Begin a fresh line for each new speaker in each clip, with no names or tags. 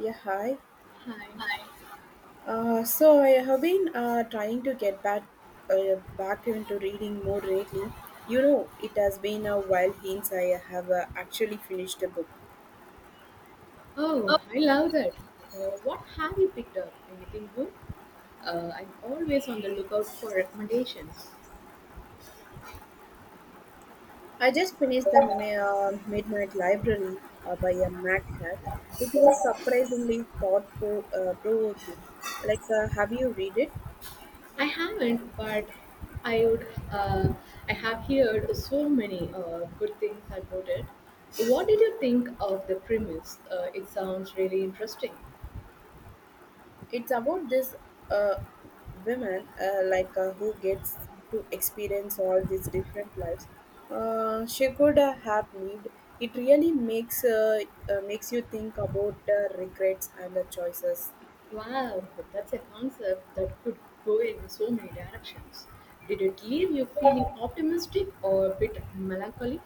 Yeah, hi.
Hi.
So I have been trying to get back back into reading more lately. You know, it has been a while since I have actually finished a book.
Oh, I love that. What have you picked up? Anything good? I'm always on the lookout for recommendations.
I just finished the Midnight Library by a Matt Hack. It was surprisingly thoughtful, provoking. Have you read it?
I haven't, but I would. Uh, I have heard so many good things about it. What did you think of the premise? It sounds really interesting.
It's about this uh, woman, who gets to experience all these different lives she could have lived. It really makes makes you think about regrets and the choices.
Wow, that's a concept that could go in so many directions. Did it leave you feeling optimistic or a bit melancholy?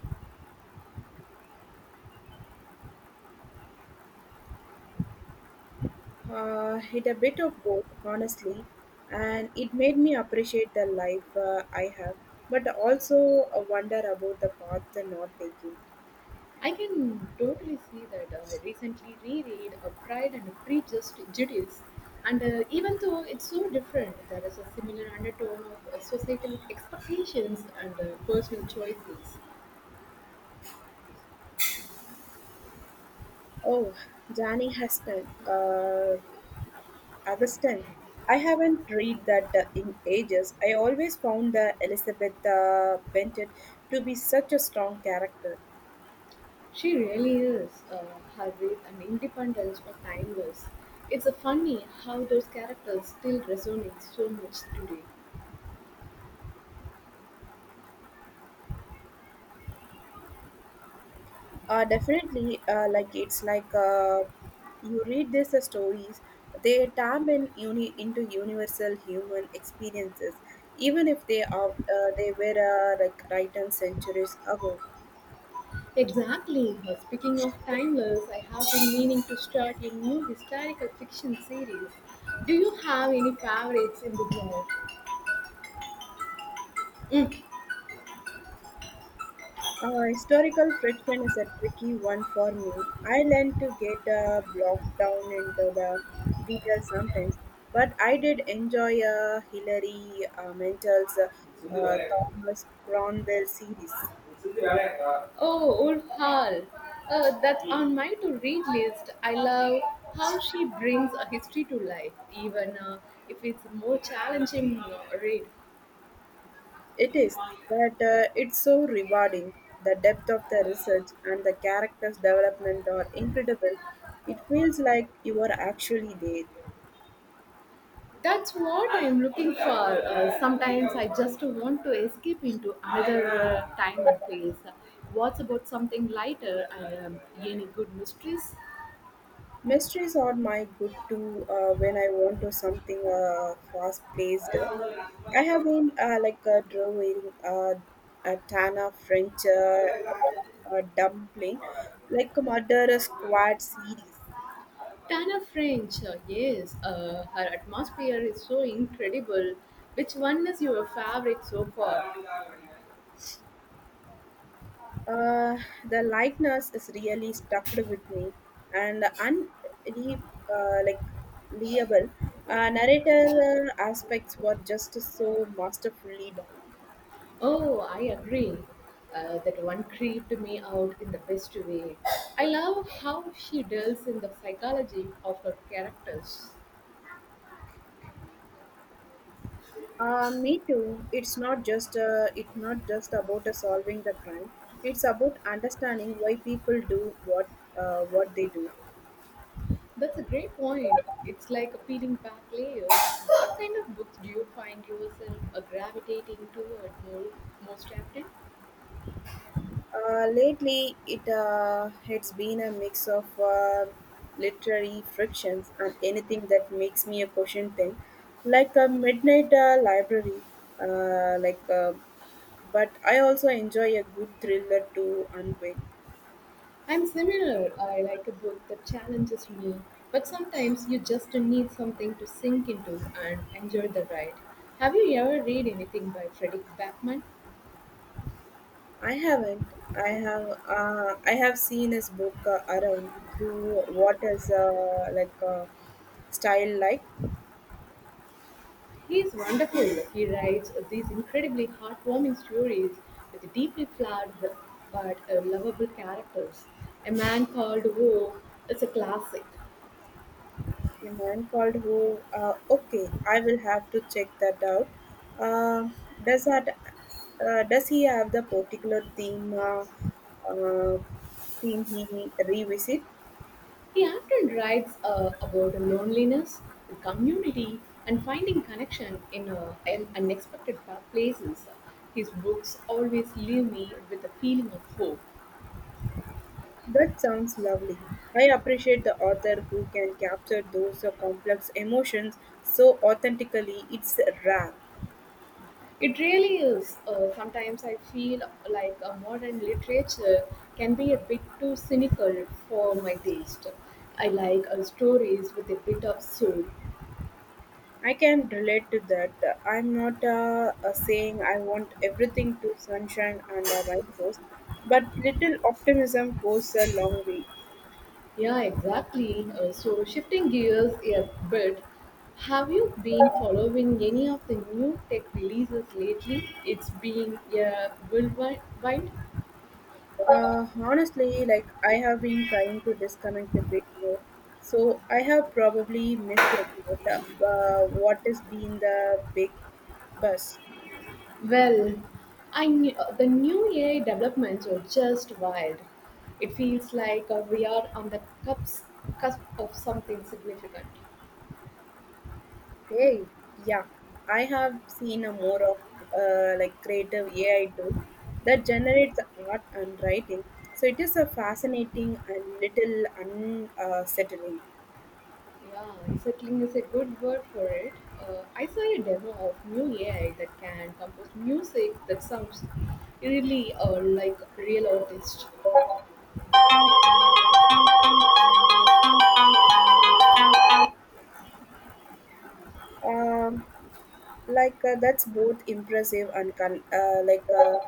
It a bit of both, honestly, and it made me appreciate the life I have, but also wonder about the path I'm not taking.
I can totally see that. I recently reread A Pride and Prejudice, Judice, and even though it's so different, there is a similar undertone of societal expectations and personal choices.
Oh, Jani Heston. Augustine. I haven't read that in ages. I always found the Elizabeth Bennet to be such a strong character.
She really is. Her wit and independence are timeless. It's funny how those characters still resonate so much today.
Definitely, like it's like you read these stories, they tap into universal human experiences, even if they are they were written centuries ago.
Exactly. Speaking of timeless, I have been meaning to start a new historical fiction series. Do you have any favorites in the
Historical friction is a tricky one for me. I learned to get blocked down into the details sometimes, but I did enjoy Hillary Mantel's
genre?
Thomas Cromwell series.
Oh, old Hall. That's on my to read list. I love how she brings a history to life, even if it's a more challenging read.
It is, but it's so rewarding. The depth of the research and the characters' development are incredible. It feels like you are actually there.
That's what I am looking for. Sometimes I just want to escape into another time and place. What's about something lighter? I any good mysteries?
Mysteries are my good too when I want to something fast paced. I have been drawing a Tana French dumpling, like a Murder Squad series.
Tana French, yes, her atmosphere is so incredible. Which one is your favorite so far?
Uh, the likeness is really stuck with me, and the uh, like leable narrator aspects were just so masterfully done.
Oh, I agree. That one creeped me out in the best way. I love how she delves in the psychology of her characters.
Me too. It's not just about solving the crime. It's about understanding why people do what they do.
That's a great point. It's like a peeling back layers. What kind of books do you find yourself gravitating toward more, most often?
Lately, it's been a mix of literary frictions and anything that makes me a question thing, like a midnight library. Uh, like, uh, but I also enjoy a good thriller to unwind.
I'm similar. I like a book that challenges me, but sometimes you just need something to sink into and enjoy the ride. Have you ever read anything by Frederick Backman?
I haven't. I have. I have seen his book around through what is style like
He's wonderful. He writes these incredibly heartwarming stories with deeply flawed but lovable characters. A Man Called Woe is a classic.
a man called who. Okay, I will have to check that out. Uh, does that? Does he have the particular theme? Uh, Theme he revisit?
He often writes about loneliness, community, and finding connection in unexpected places. His books always leave me with a feeling of hope.
That sounds lovely. I appreciate the author who can capture those complex emotions so authentically. It's rare.
It really is. Sometimes I feel like a modern literature can be a bit too cynical for my taste. I like stories with a bit of soul.
I can relate to that. I'm not saying I want everything to sunshine and a rainbows, but little optimism goes a long way.
Yeah, exactly. So, shifting gears a bit, have you been following any of the new tech releases lately? It's been a whirlwind.
Honestly, like I have been trying to disconnect a bit more, so I have probably missed a lot. What has been the big buzz?
Well, I knew, the new AI developments are just wild. It feels like we are on the cusp of something significant.
Hey, yeah, I have seen a more of creative AI tool that generates art and writing. So it is a fascinating and little unsettling.
Yeah, settling is a good word for it. I saw a demo of new AI that can compose music that sounds really like real artist.
Um, that's both impressive and con- uh, like uh,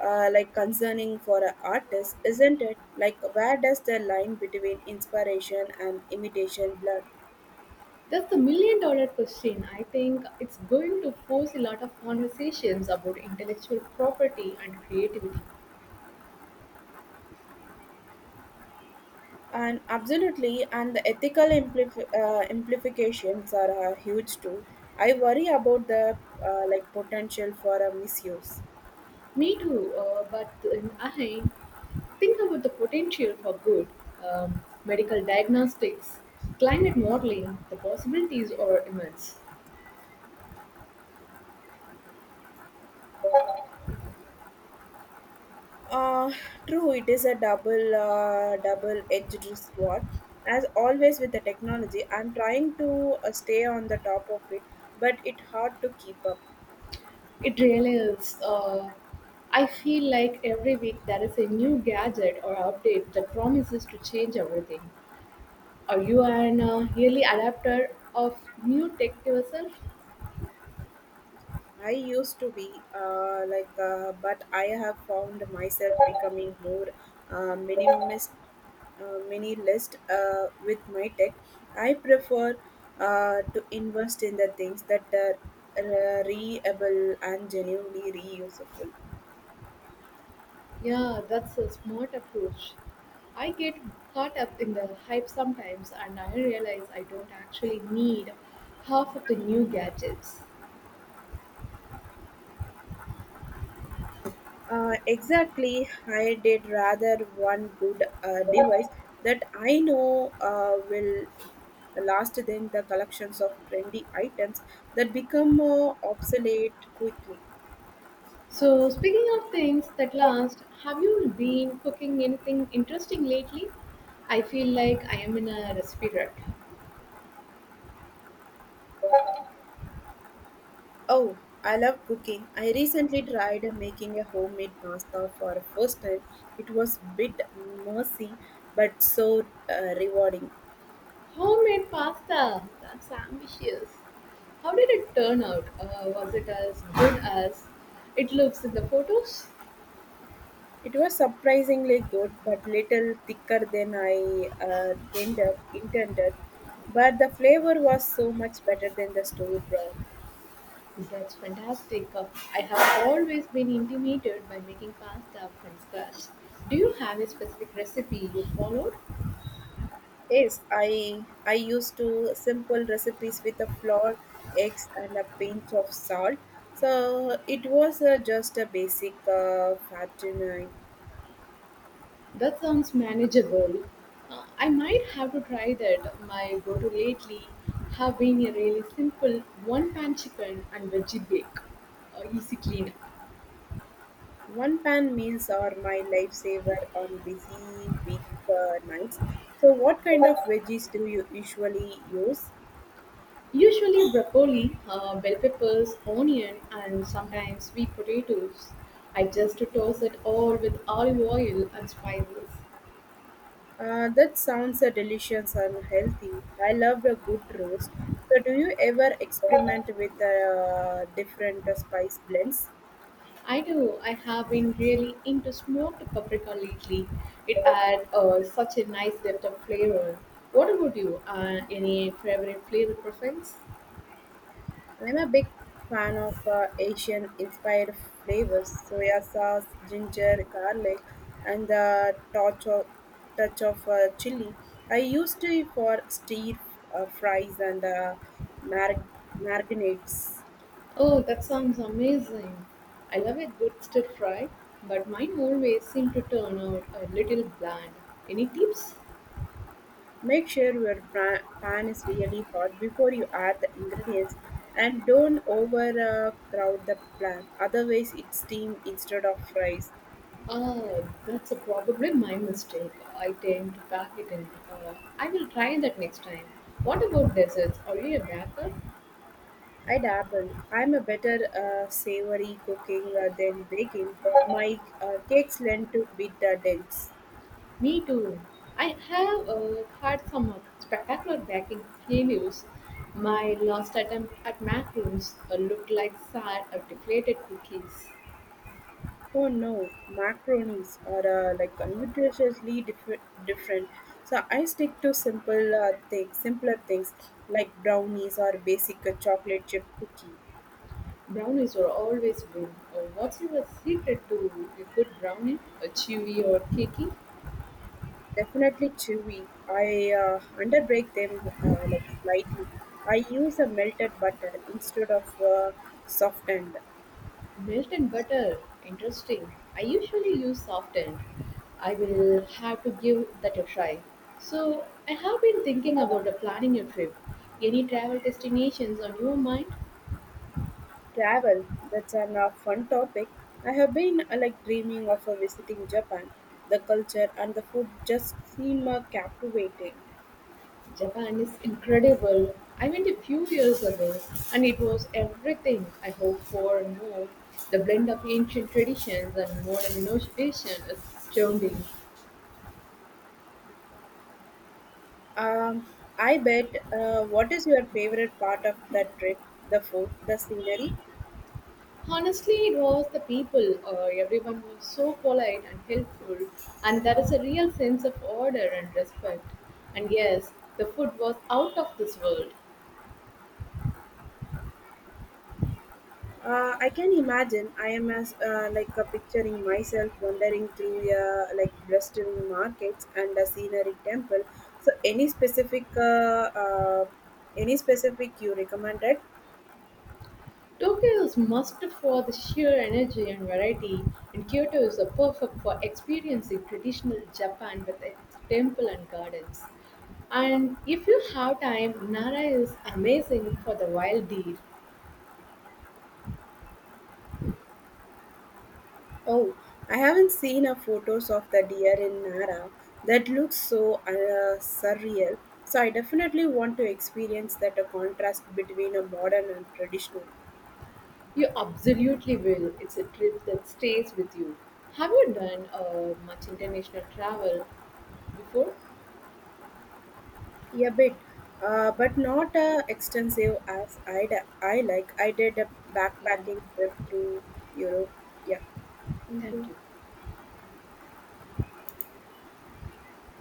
uh, like concerning for an artist, isn't it? Like where does the line between inspiration and imitation blur?
That's the million dollar question. I think it's going to force a lot of conversations about intellectual property and creativity.
And absolutely, and the ethical implications are huge too. I worry about the potential for a misuse.
Me too, but then I think about the potential for good. Medical diagnostics, climate modeling, the possibilities are immense.
Uh, True, it is a double-edged sword. As always with the technology, I'm trying to stay on the top of it, but it hard to keep up.
It really is. I feel like every week there is a new gadget or update that promises to change everything. Are you an really adapter of new tech yourself?
I used to be but I have found myself becoming more uh, minimalist, minimalist with my tech. I prefer to invest in the things that are reable and genuinely reusable.
Yeah, that's a smart approach. I get caught up in the hype sometimes and I realize I don't actually need half of the new gadgets.
Exactly, I did rather one good device that I know will last than the collections of trendy items that become obsolete quickly.
So, speaking of things that last, have you been cooking anything interesting lately? I feel like I am in a recipe rut.
Oh, I love cooking. I recently tried making a homemade pasta for the first time. It was a bit messy but so rewarding.
Homemade pasta, that's ambitious. How did it turn out? Was it as good as it looks in the photos?
It was surprisingly good, but little thicker than intended. But the flavor was so much better than the store broth.
That's fantastic. I have always been intimidated by making pasta from scratch. Do you have a specific recipe you followed?
Yes, I used to simple recipes with a flour, eggs, and a pinch of salt. So it was just a basic fattening.
That sounds manageable. I might have to try that. My go to lately have been a really simple one pan chicken and veggie bake. Easy cleanup.
One pan meals are my lifesaver on busy week nights. So what kind of veggies do you usually use?
Usually broccoli, bell peppers, onion, and sometimes sweet potatoes. I just toss it all with olive oil and spices.
That sounds delicious and healthy. I love a good roast. So, do you ever experiment with different spice blends?
I do. I have been really into smoked paprika lately. It adds such a nice depth of flavor. What about you? Any favorite flavor profiles?
I'm a big fan of Asian inspired flavors soya sauce, ginger, garlic, and the touch of chili. I used it for stir fries and mar- marinades.
Oh, that sounds amazing. I love a good stir fry, but mine always seem to turn out a little bland. Any tips?
Make sure your pan is really hot before you add the ingredients and don't overcrowd the pan, otherwise, it steam instead of fries.
That's probably my mistake. I tend to pack it in. I will try that next time. What about desserts? Are you a baker?
I dabble. I'm a better savory cooking than baking. My cakes lend to beat the dense.
Me too. I have had some spectacular baking failures. My last attempt at macaroons looked like sad, deflated cookies.
Oh no, macaronis are nutritiously different. So I stick to simpler things like brownies or basic chocolate chip cookie.
Brownies are always good. What's your secret to a good brownie? A chewy or cakey?
Definitely chewy. I underbake them slightly. I use a melted butter instead of softened.
Melt and butter. Interesting. I usually use softened. I will have to give that a try. So I have been thinking about planning a trip. Any travel destinations on your mind?
Travel. That's an fun topic. I have been dreaming of visiting Japan. The culture and the food just seem captivating.
Japan is incredible. I went a few years ago and it was everything I hoped for and more. The blend of ancient traditions and modern innovation is astounding.
Um, I bet. What is your favorite part of that trip? The food, the scenery.
Honestly, it was the people. Everyone was so polite and helpful, and there is a real sense of order and respect. And yes, the food was out of this world.
I can imagine. I am as picturing myself wandering through Bristol markets and a scenery temple. So any specific you recommended?
Tokyo is must for the sheer energy and variety, and Kyoto is a perfect for experiencing traditional Japan with its temple and gardens. And if you have time, Nara is amazing for the wild deer.
Oh, I haven't seen a photos of the deer in Nara. That looks so surreal. So I definitely want to experience that a contrast between a modern and traditional.
You absolutely will. It's a trip that stays with you. Have you done much international travel before?
Yeah, a bit, but not extensive as I like. I did a
Yeah,
backpacking trip through Europe. Yeah, thank
thank
you.
you.